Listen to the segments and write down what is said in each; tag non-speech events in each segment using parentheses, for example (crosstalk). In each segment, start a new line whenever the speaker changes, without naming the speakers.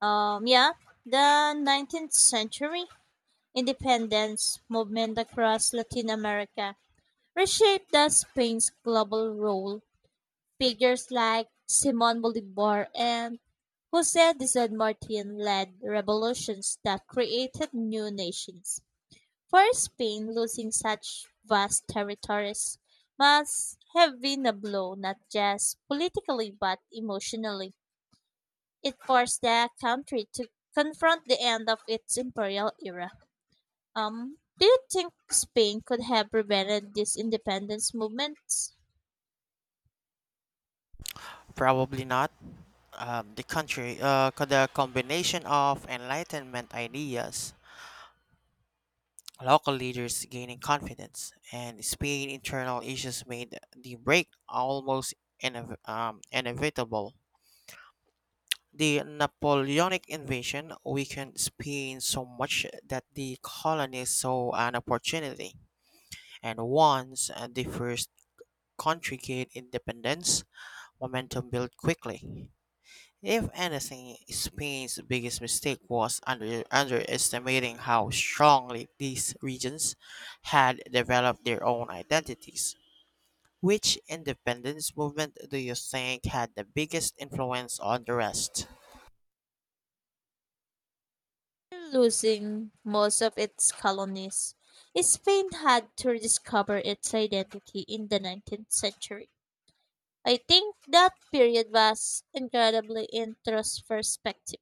Um, yeah, the 19th century independence movement across Latin America reshaped the Spain's global role. Figures like Simon Bolivar and Jose de San Martin led revolutions that created new nations. For Spain, losing such vast territories must have been a blow not just politically but emotionally. It forced the country to confront the end of its imperial era. Do you think Spain could have prevented these independence movements?
Probably not. The country, the combination of Enlightenment ideas, local leaders gaining confidence, and Spain internal issues made the break almost inevitable. The Napoleonic invasion weakened Spain so much that the colonists saw an opportunity, and once the first country gained independence, momentum built quickly. If anything, Spain's biggest mistake was underestimating how strongly these regions had developed their own identities. Which independence movement do you think had the biggest influence on the rest?
Losing most of its colonies, Spain had to rediscover its identity in the 19th century. I think that period was incredibly introspective,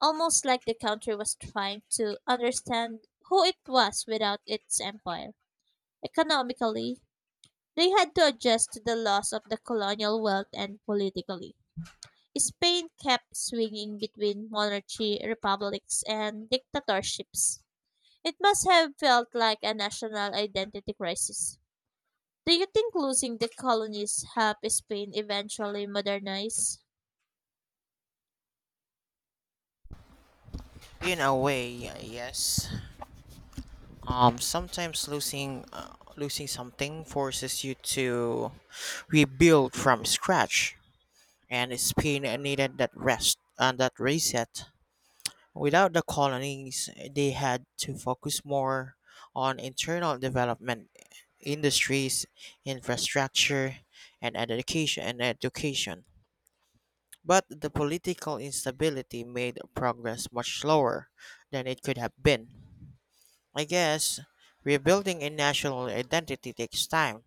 almost like the country was trying to understand who it was without its empire. Economically, they had to adjust to the loss of the colonial wealth and politically. Spain kept swinging between monarchy, republics, and dictatorships. It must have felt like a national identity crisis. Do you think losing the colonies helped Spain eventually modernize?
In a way, yes. Sometimes losing losing something forces you to rebuild from scratch, and Spain needed that rest and that reset. Without the colonies, they had to focus more on internal development, industries, infrastructure, and education and education. But the political instability made progress much slower than it could have been. I guess rebuilding a national identity takes time,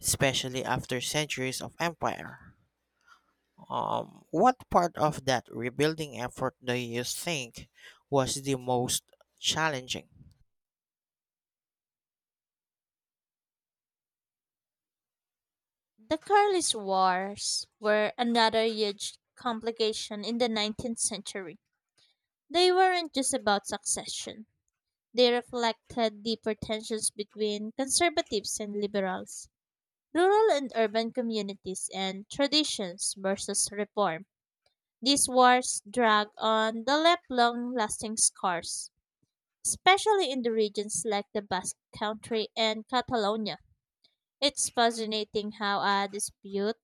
especially after centuries of empire. What part of that rebuilding effort do you think was the most challenging?
The Carlist Wars were another huge complication in the 19th century. They weren't just about succession. They reflected deeper tensions between conservatives and liberals, rural and urban communities and traditions versus reform. These wars drag on the left long lasting scars, especially in the regions like the Basque Country and Catalonia. It's fascinating how a dispute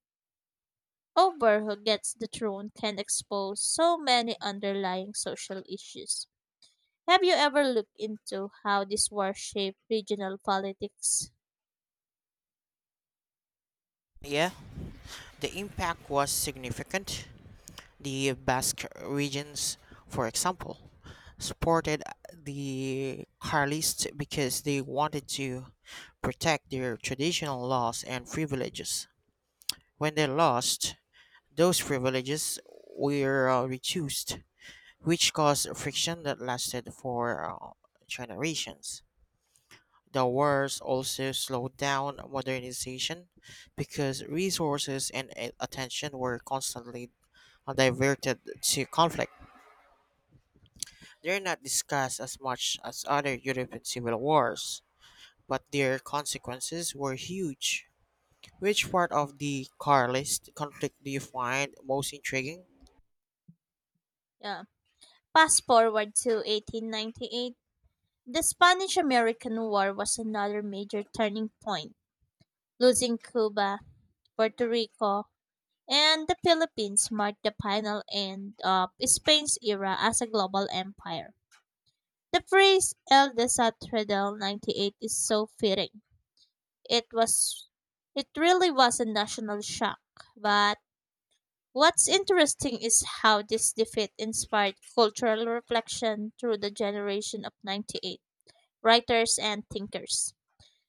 over who gets the throne can expose so many underlying social issues. Have you ever looked into how this war shaped regional politics?
Yeah, the impact was significant. The Basque regions, for example, supported the Carlists because they wanted to protect their traditional laws and privileges. When they lost, those privileges were reduced, which caused friction that lasted for generations. The wars also slowed down modernization because resources and attention were constantly diverted to conflict. They're not discussed as much as other European civil wars, but their consequences were huge. Which part of the Carlist conflict do you find most intriguing?
Yeah. Fast forward to 1898, the Spanish American War was another major turning point. Losing Cuba, Puerto Rico, and the Philippines marked the final end of Spain's era as a global empire. The phrase El Desastre del 98 is so fitting. It was it really was a national shock, but what's interesting is how this defeat inspired cultural reflection through the generation of 98 writers and thinkers.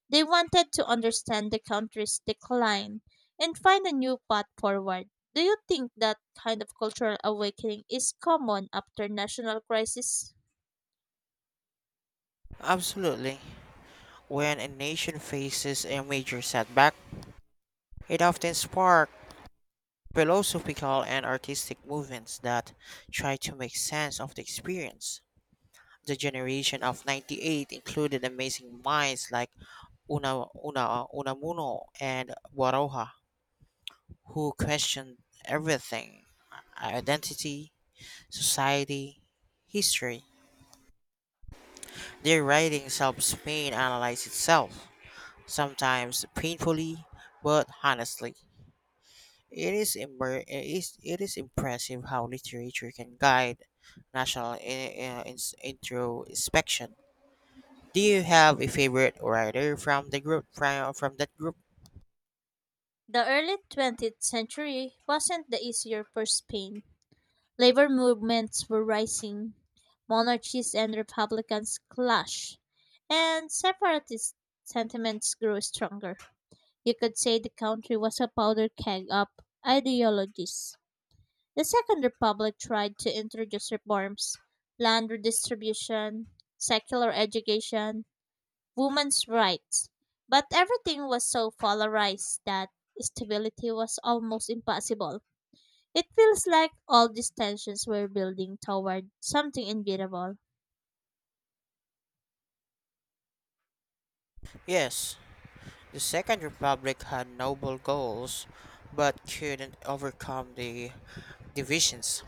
They wanted to understand the country's decline and find a new path forward. Do you think that kind of cultural awakening is common after national crisis?
Absolutely. When a nation faces a major setback, it often sparks philosophical and artistic movements that try to make sense of the experience. The generation of 98 included amazing minds like Unamuno and Guaroja, who questioned everything identity, society, history. Their writings help Spain analyze itself, sometimes painfully, but honestly. It is, immer- it is impressive how literature can guide national introspection. Do you have a favorite writer from the group from that group?
The early 20th century wasn't the easier for Spain. Labor movements were rising, monarchies and republicans clashed, and separatist sentiments grew stronger. You could say the country was a powder keg of ideologies. The Second Republic tried to introduce reforms, land redistribution, secular education, women's rights, but everything was so polarized that stability was almost impossible. It feels like all these tensions were building toward something inevitable.
Yes, the Second Republic had noble goals, but couldn't overcome the divisions.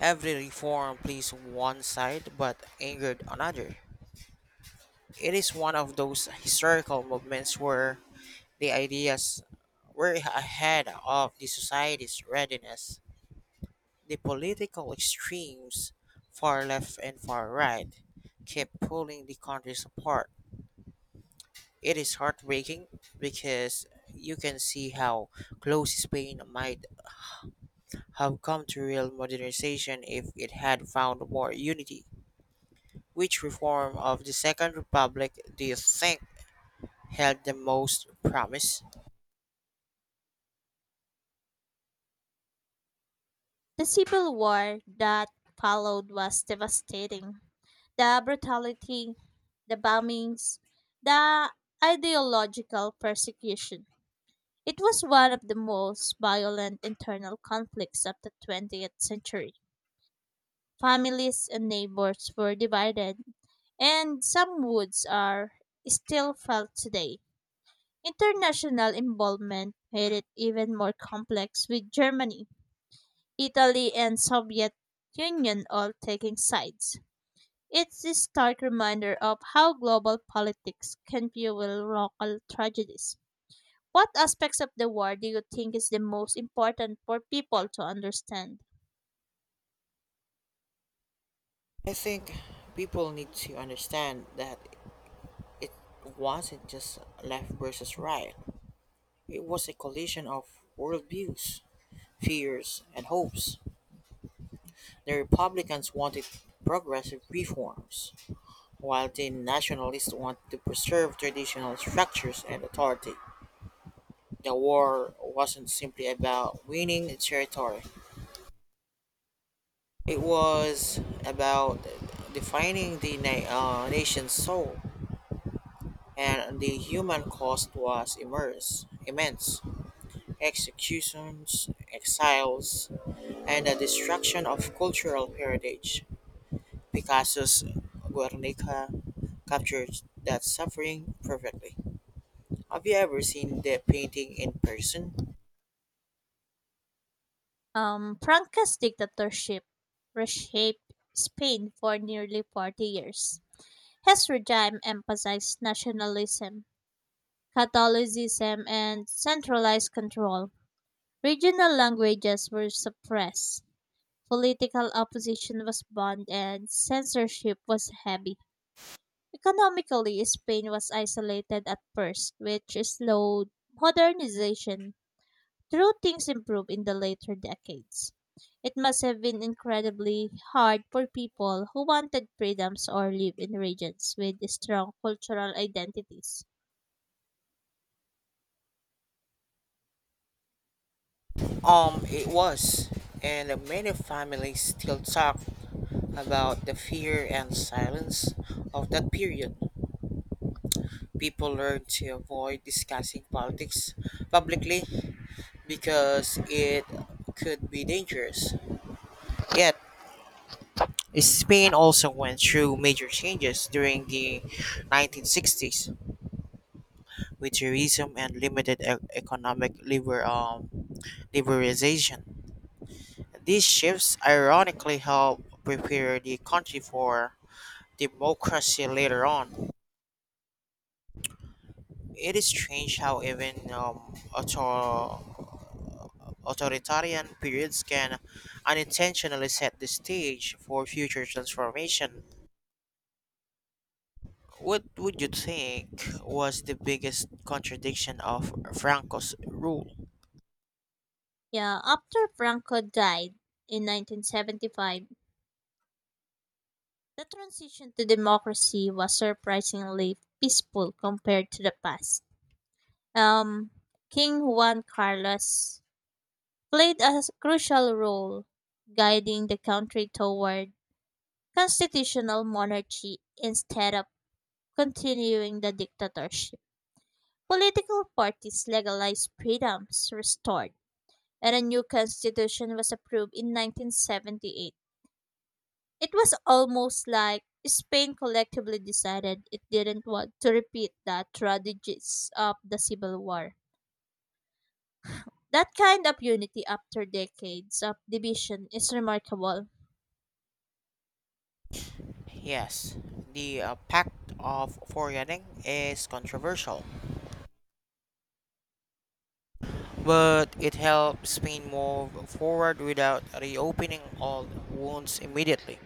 Every reform pleased one side but angered another. It is one of those historical movements where the ideas were ahead of the society's readiness. The political extremes, far left and far right, kept pulling the countries apart. It is heartbreaking because you can see how close Spain might have come to real modernization if it had found more unity. Which reform of the Second Republic do you think held the most promise?
The civil war that followed was devastating. The brutality, the bombings, the ideological persecution. It was one of the most violent internal conflicts of the 20th century. Families and neighbors were divided, and some woods are still felt today. International involvement made it even more complex with Germany, Italy, and Soviet Union all taking sides. It's a stark reminder of how global politics can fuel local tragedies. What aspects of the war do you think is the most important for people to understand?
I think people need to understand that it wasn't just left versus right. It was a collision of worldviews, fears, and hopes. The Republicans wanted progressive reforms, while the Nationalists wanted to preserve traditional structures and authority. The war wasn't simply about winning territory, it was about defining the nation's soul, and the human cost was immense. Executions, exiles, and the destruction of cultural heritage. Picasso's Guernica captures that suffering perfectly. Have you ever seen the painting in person?
Franco's dictatorship reshaped Spain for nearly 40 years. His regime emphasized nationalism, Catholicism, and centralized control. Regional languages were suppressed, political opposition was banned, and censorship was heavy. Economically, Spain was isolated at first, which slowed modernization, though things improved in the later decades. It must have been incredibly hard for people who wanted freedoms or lived in regions with strong cultural identities.
It was, and many families still talk about the fear and silence of that period. People learned to avoid discussing politics publicly because it could be dangerous. Yet, Spain also went through major changes during the 1960s, with tourism and limited economic liberalization. These shifts ironically helped prepare the country for democracy later on. It is strange how even authoritarian periods can unintentionally set the stage for future transformation. What would you think was the biggest contradiction of Franco's rule?
Yeah, after Franco died in 1975, the transition to democracy was surprisingly peaceful compared to the past. Um, King Juan Carlos played a crucial role guiding the country toward constitutional monarchy instead of continuing the dictatorship. Political parties legalized freedoms restored, and a new constitution was approved in 1978. It was almost like Spain collectively decided it didn't want to repeat the tragedies of the Civil War. That kind of unity after decades of division is remarkable.
Yes, the Pact of Forgetting is controversial, but it helped Spain move forward without reopening old wounds immediately.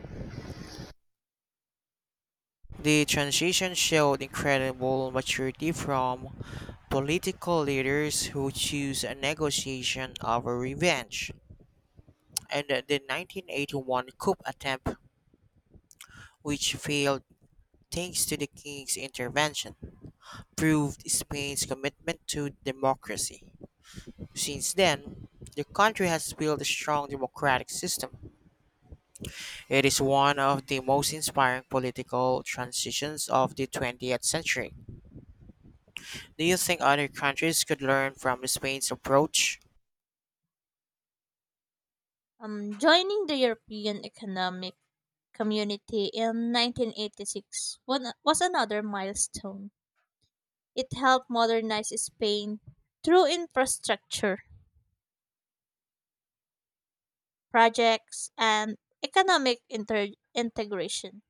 The transition showed incredible maturity from political leaders who choose a negotiation over revenge. And the 1981 coup attempt, which failed thanks to the king's intervention, proved Spain's commitment to democracy. Since then, the country has built a strong democratic system. It is one of the most inspiring political transitions of the 20th century. Do you think other countries could learn from Spain's approach?
Joining the European Economic Community in 1986 was another milestone. It helped modernize Spain through infrastructure projects and integration,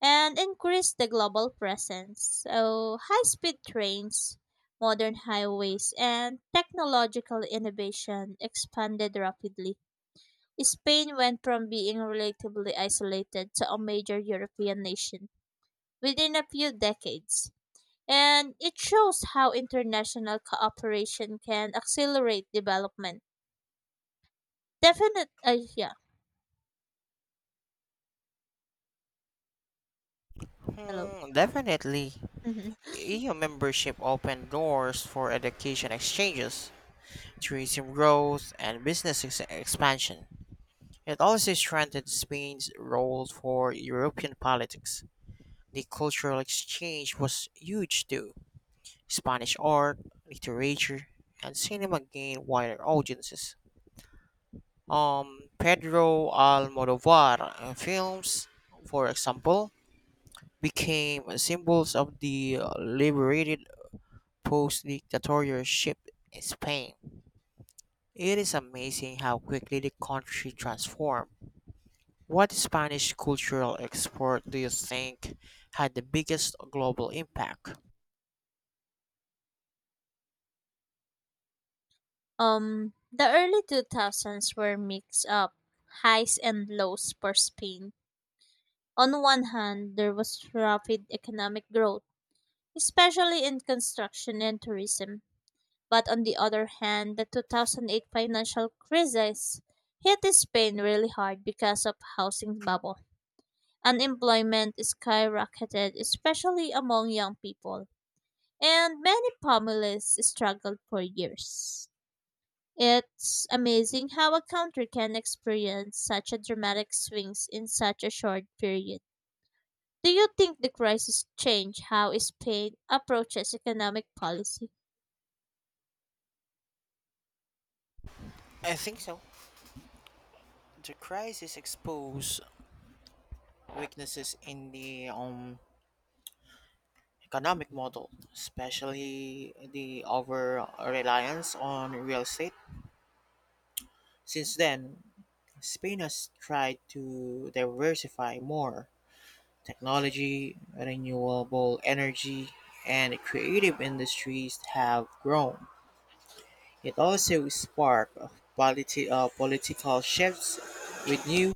and increase the global presence. So, high speed trains, modern highways, and technological innovation expanded rapidly. Spain went from being relatively isolated to a major European nation within a few decades. And it shows how international cooperation can accelerate development. Yeah, hello.
Hmm, definitely.
(laughs)
EU membership opened doors for education exchanges, tourism growth, and business expansion. It also strengthened Spain's role for European politics. The cultural exchange was huge too. Spanish art, literature, and cinema gained wider audiences. Pedro Almodovar films, for example, became symbols of the liberated post-dictatorship in Spain. It is amazing how quickly the country transformed. What Spanish cultural export do you think had the biggest global impact?
The early 2000s were mixed up, highs and lows for Spain. On one hand, there was rapid economic growth, especially in construction and tourism. But on the other hand, the 2008 financial crisis hit Spain really hard because of housing bubble. Unemployment skyrocketed, especially among young people, and many families struggled for years. It's amazing how a country can experience such a dramatic swings in such a short period. Do you think the crisis changed how Spain approaches economic policy?
I think so. The crisis exposed weaknesses in the economic model, especially the over reliance on real estate. Since then, Spain has tried to diversify more technology, renewable energy, and creative industries have grown. It also sparked political shifts, with new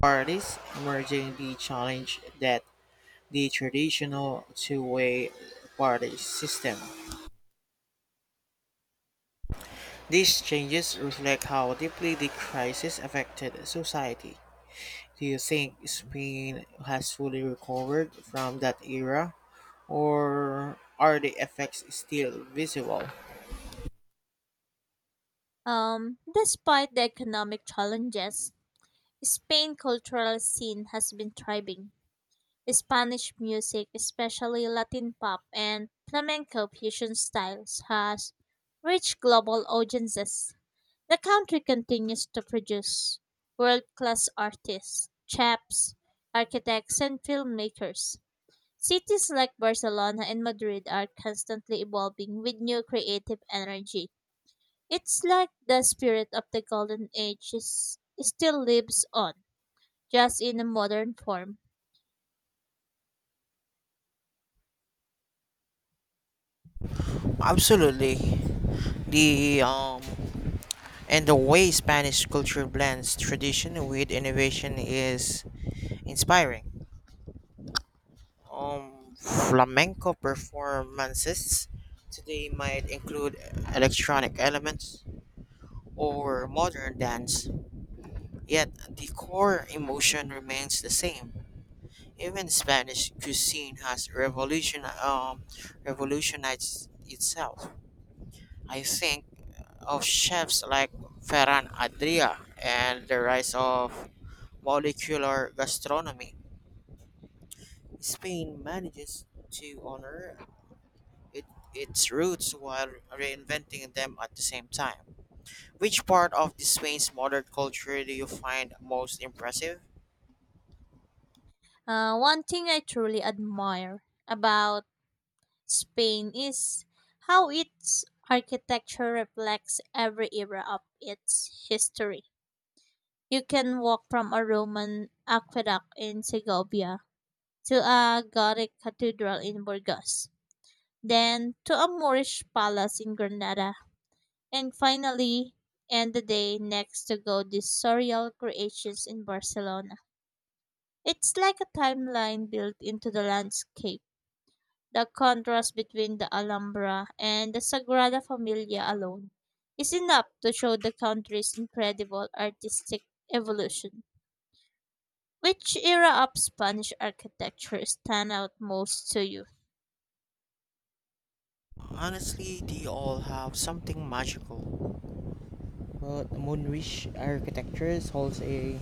parties merging the challenge that the traditional two-way party system. These changes reflect how deeply the crisis affected society. Do you think Spain has fully recovered from that era, or are the effects still visible?
Despite the economic challenges, Spain's cultural scene has been thriving. Spanish music, especially Latin pop and flamenco fusion styles, has reached global audiences. The country continues to produce world class artists, chefs, architects, and filmmakers. Cities like Barcelona and Madrid are constantly evolving with new creative energy. It's like the spirit of the Golden Age is, still lives on, just in a modern form.
Absolutely. The And the way Spanish culture blends tradition with innovation is inspiring. Flamenco performances today might include electronic elements or modern dance, yet the core emotion remains the same. Even Spanish cuisine has revolutionized itself. I think of chefs like Ferran Adria and the rise of molecular gastronomy. Spain manages to honor it, its roots while reinventing them at the same time. Which part of the Spain's modern culture do you find most impressive?
One thing I truly admire about Spain is how its architecture reflects every era of its history. You can walk from a Roman aqueduct in Segovia to a Gothic cathedral in Burgos, then to a Moorish palace in Granada, and finally end the day next to Gothic sorial creations in Barcelona. It's like a timeline built into the landscape. The contrast between the Alhambra and the Sagrada Familia alone is enough to show the country's incredible artistic evolution. Which era of Spanish architecture stand out most to you?
Honestly, they all have something magical. But Moorish architecture holds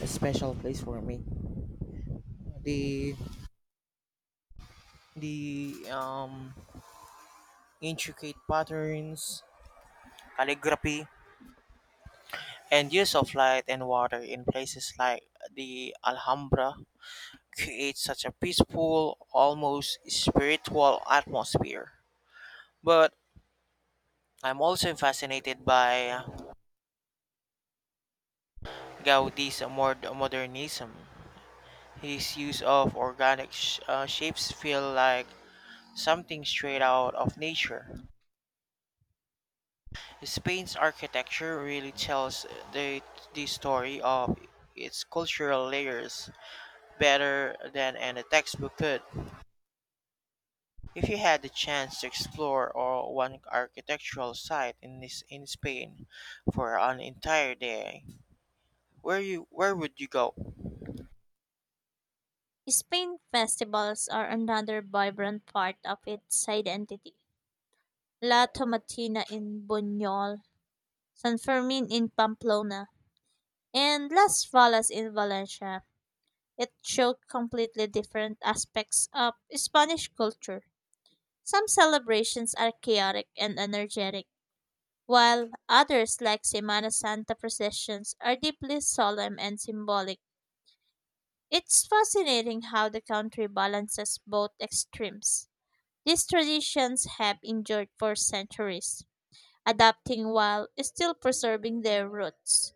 a special place for me. The the intricate patterns, calligraphy, and use of light and water in places like the Alhambra creates such a peaceful, almost spiritual atmosphere. But I'm also fascinated by Gaudi's more modernism. His use of organic shapes feel like something straight out of nature. Spain's architecture really tells the, the story of its cultural layers better than any textbook could. If you had the chance to explore or one architectural site in this in Spain for an entire day, where would you go?
Spain festivals are another vibrant part of its identity. La Tomatina in Buñol, San Fermin in Pamplona, and Las Fallas in Valencia. It showed completely different aspects of Spanish culture. Some celebrations are chaotic and energetic, while others, like Semana Santa processions, are deeply solemn and symbolic. It's fascinating how the country balances both extremes. These traditions have endured for centuries, adapting while still preserving their roots.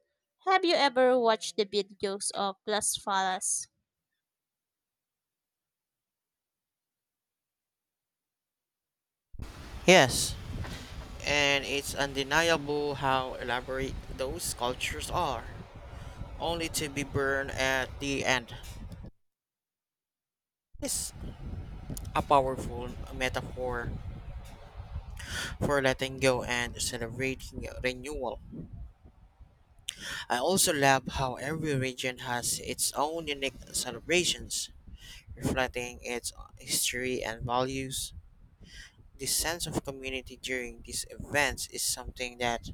Have you ever watched the videos of Las Falas?
Yes, and it's undeniable how elaborate those sculptures are, only to be burned at the end. It's a powerful metaphor for letting go and celebrating renewal. I also love how every region has its own unique celebrations, reflecting its history and values. This sense of community during these events is something that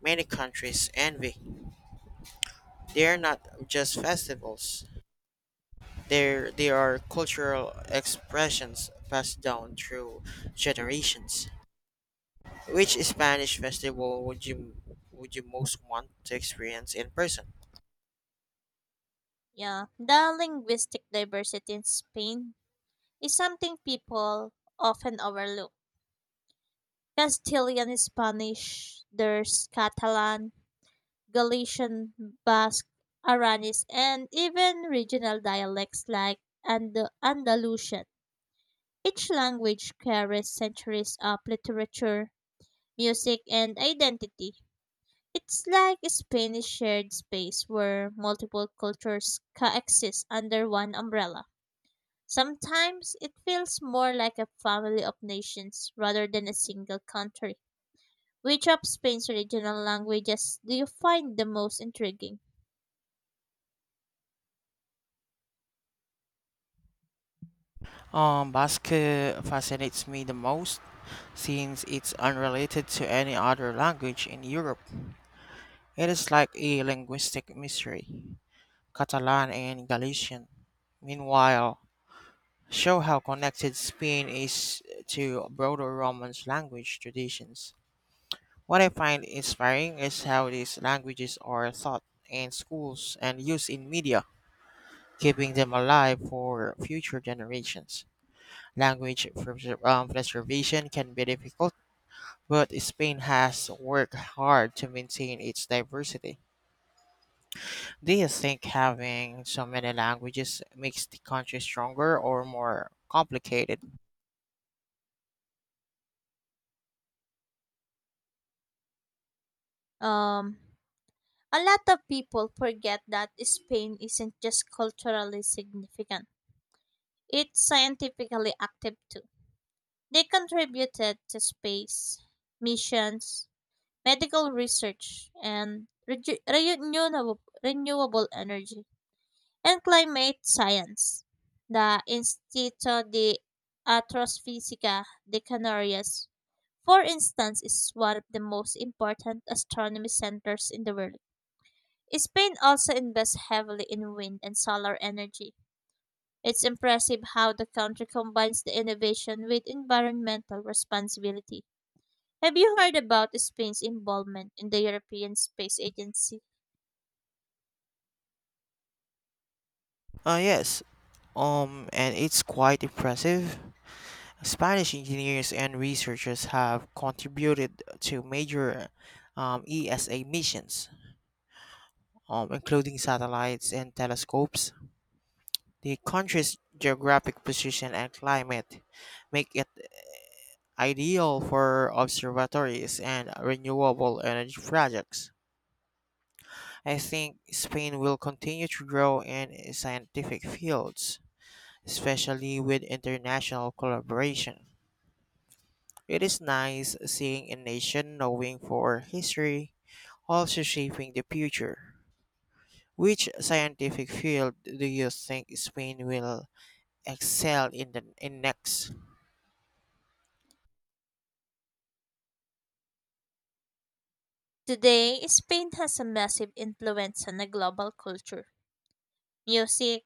many countries envy. They are not just festivals, they are cultural expressions passed down through generations. Which Spanish festival would you most want to experience in person?
Yeah, the linguistic diversity in Spain is something people often overlook. Castilian Spanish, there's Catalan, Galician, Basque, Aranis, and even regional dialects like and Andalusian. Each language carries centuries of literature, music, and identity. It's like a Spanish shared space where multiple cultures coexist under one umbrella. Sometimes it feels more like a family of nations rather than a single country. Which of Spain's regional languages do you find the most intriguing?
Basque fascinates me the most since it's unrelated to any other language in Europe. It is like a linguistic mystery, Catalan and Galician. Meanwhile, show how connected Spain is to broader Romance language traditions. What I find inspiring is how these languages are taught in schools and used in media, keeping them alive for future generations. Language preservation can be difficult, but Spain has worked hard to maintain its diversity. Do you think having so many languages makes the country stronger or more complicated?
Um, A lot of people forget that Spain isn't just culturally significant, it's scientifically active too. They contributed to space, missions, medical research, and renewable energy, and climate science. The Instituto de Astrofísica de Canarias, for instance, is one of the most important astronomy centers in the world. Spain also invests heavily in wind and solar energy. It's impressive how the country combines the innovation with environmental responsibility. Have you heard about Spain's involvement in the European Space Agency?
Yes, and it's quite impressive. Spanish engineers and researchers have contributed to major ESA missions, including satellites and telescopes. The country's geographic position and climate make it ideal for observatories and renewable energy projects. I think Spain will continue to grow in scientific fields, especially with international collaboration. It is nice seeing a nation knowing for history, also shaping the future. Which scientific field do you think Spain will excel in the in next?
Today, Spain has a massive influence on the global culture. Music,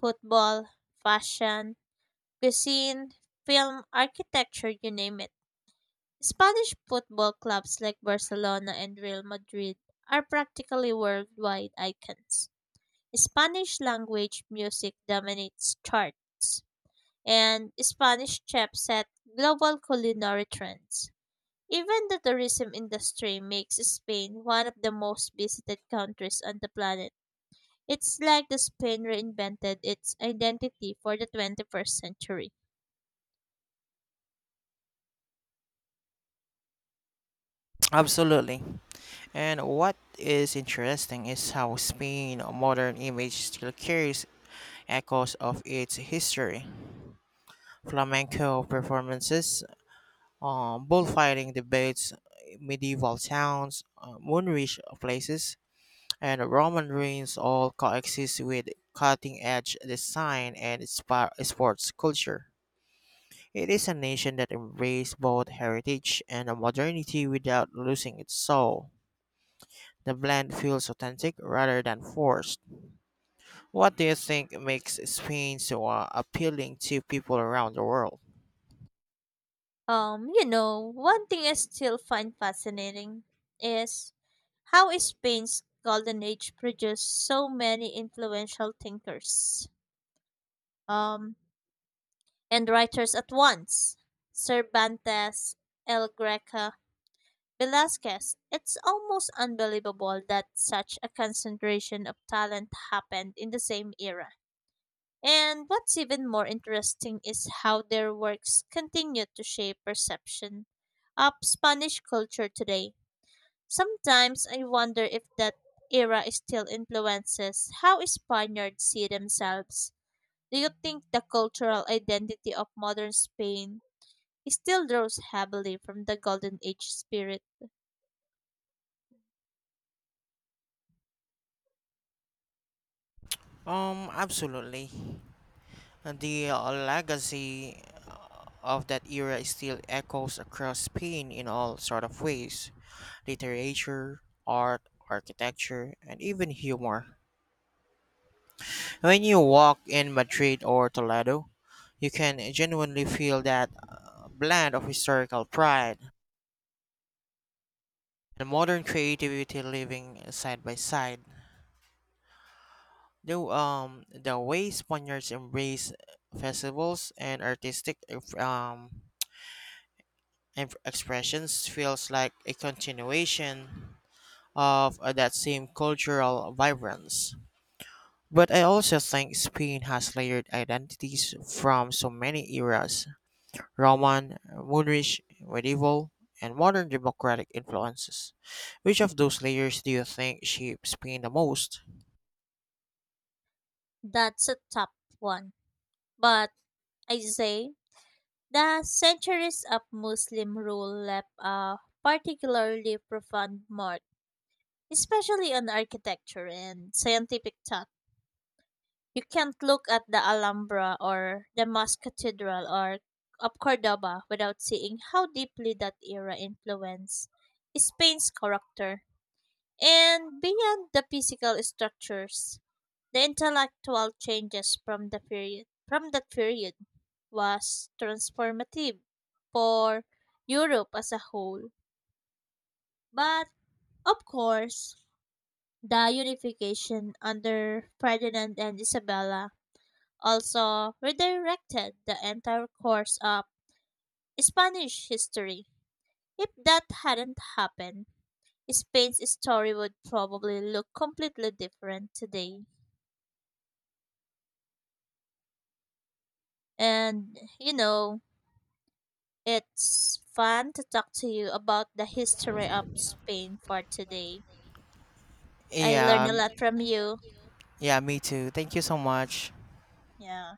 football, fashion, cuisine, film, architecture, you name it. Spanish football clubs like Barcelona and Real Madrid are practically worldwide icons. Spanish language music dominates charts, and Spanish chefs set global culinary trends. Even the tourism industry makes Spain one of the most visited countries on the planet. It's like the Spain reinvented its identity for the 21st century.
Absolutely. And what is interesting is how Spain modern image still carries echoes of its history. Flamenco performances bullfighting debates, medieval towns, moonrich places, and Roman ruins all coexist with cutting edge design and sports culture. It is a nation that embraces both heritage and modernity without losing its soul. The blend feels authentic rather than forced. What do you think makes Spain so appealing to people around the world?
One thing I still find fascinating is how is Spain's golden age produced so many influential thinkers um, and writers at once. Cervantes, El Greca, Velázquez. It's almost unbelievable that such a concentration of talent happened in the same era. And what's even more interesting is how their works continue to shape perception of Spanish culture today. Sometimes I wonder if that era still influences how Spaniards see themselves. Do you think the cultural identity of modern Spain still draws heavily from the Golden Age spirit?
Absolutely. The legacy, of that era still echoes across Spain in all sort of ways literature, art, architecture, and even humor. When you walk in Madrid or Toledo, you can genuinely feel that blend of historical pride and modern creativity living side by side. Though the way Spaniards embrace festivals and artistic um, expressions feels like a continuation of that same cultural vibrance. But I also think Spain has layered identities from so many eras Roman, Moorish, medieval, and modern democratic influences. Which of those layers do you think shapes Spain the most?
That's a tough one. But I say the centuries of Muslim rule left a particularly profound mark, especially on architecture and scientific thought. You can't look at the Alhambra or the Mosque Cathedral or of Cordoba without seeing how deeply that era influenced Spain's character. And beyond the physical structures, the intellectual changes from that period was transformative for Europe as a whole. But of course, the unification under Ferdinand and Isabella also redirected the entire course of Spanish history. If that hadn't happened, Spain's story would probably look completely different today. And, you know, it's fun to talk to you about the history of Spain for today. I learned
Yeah,
a lot from you.
yeah, me too. Thank you so much.
Yeah.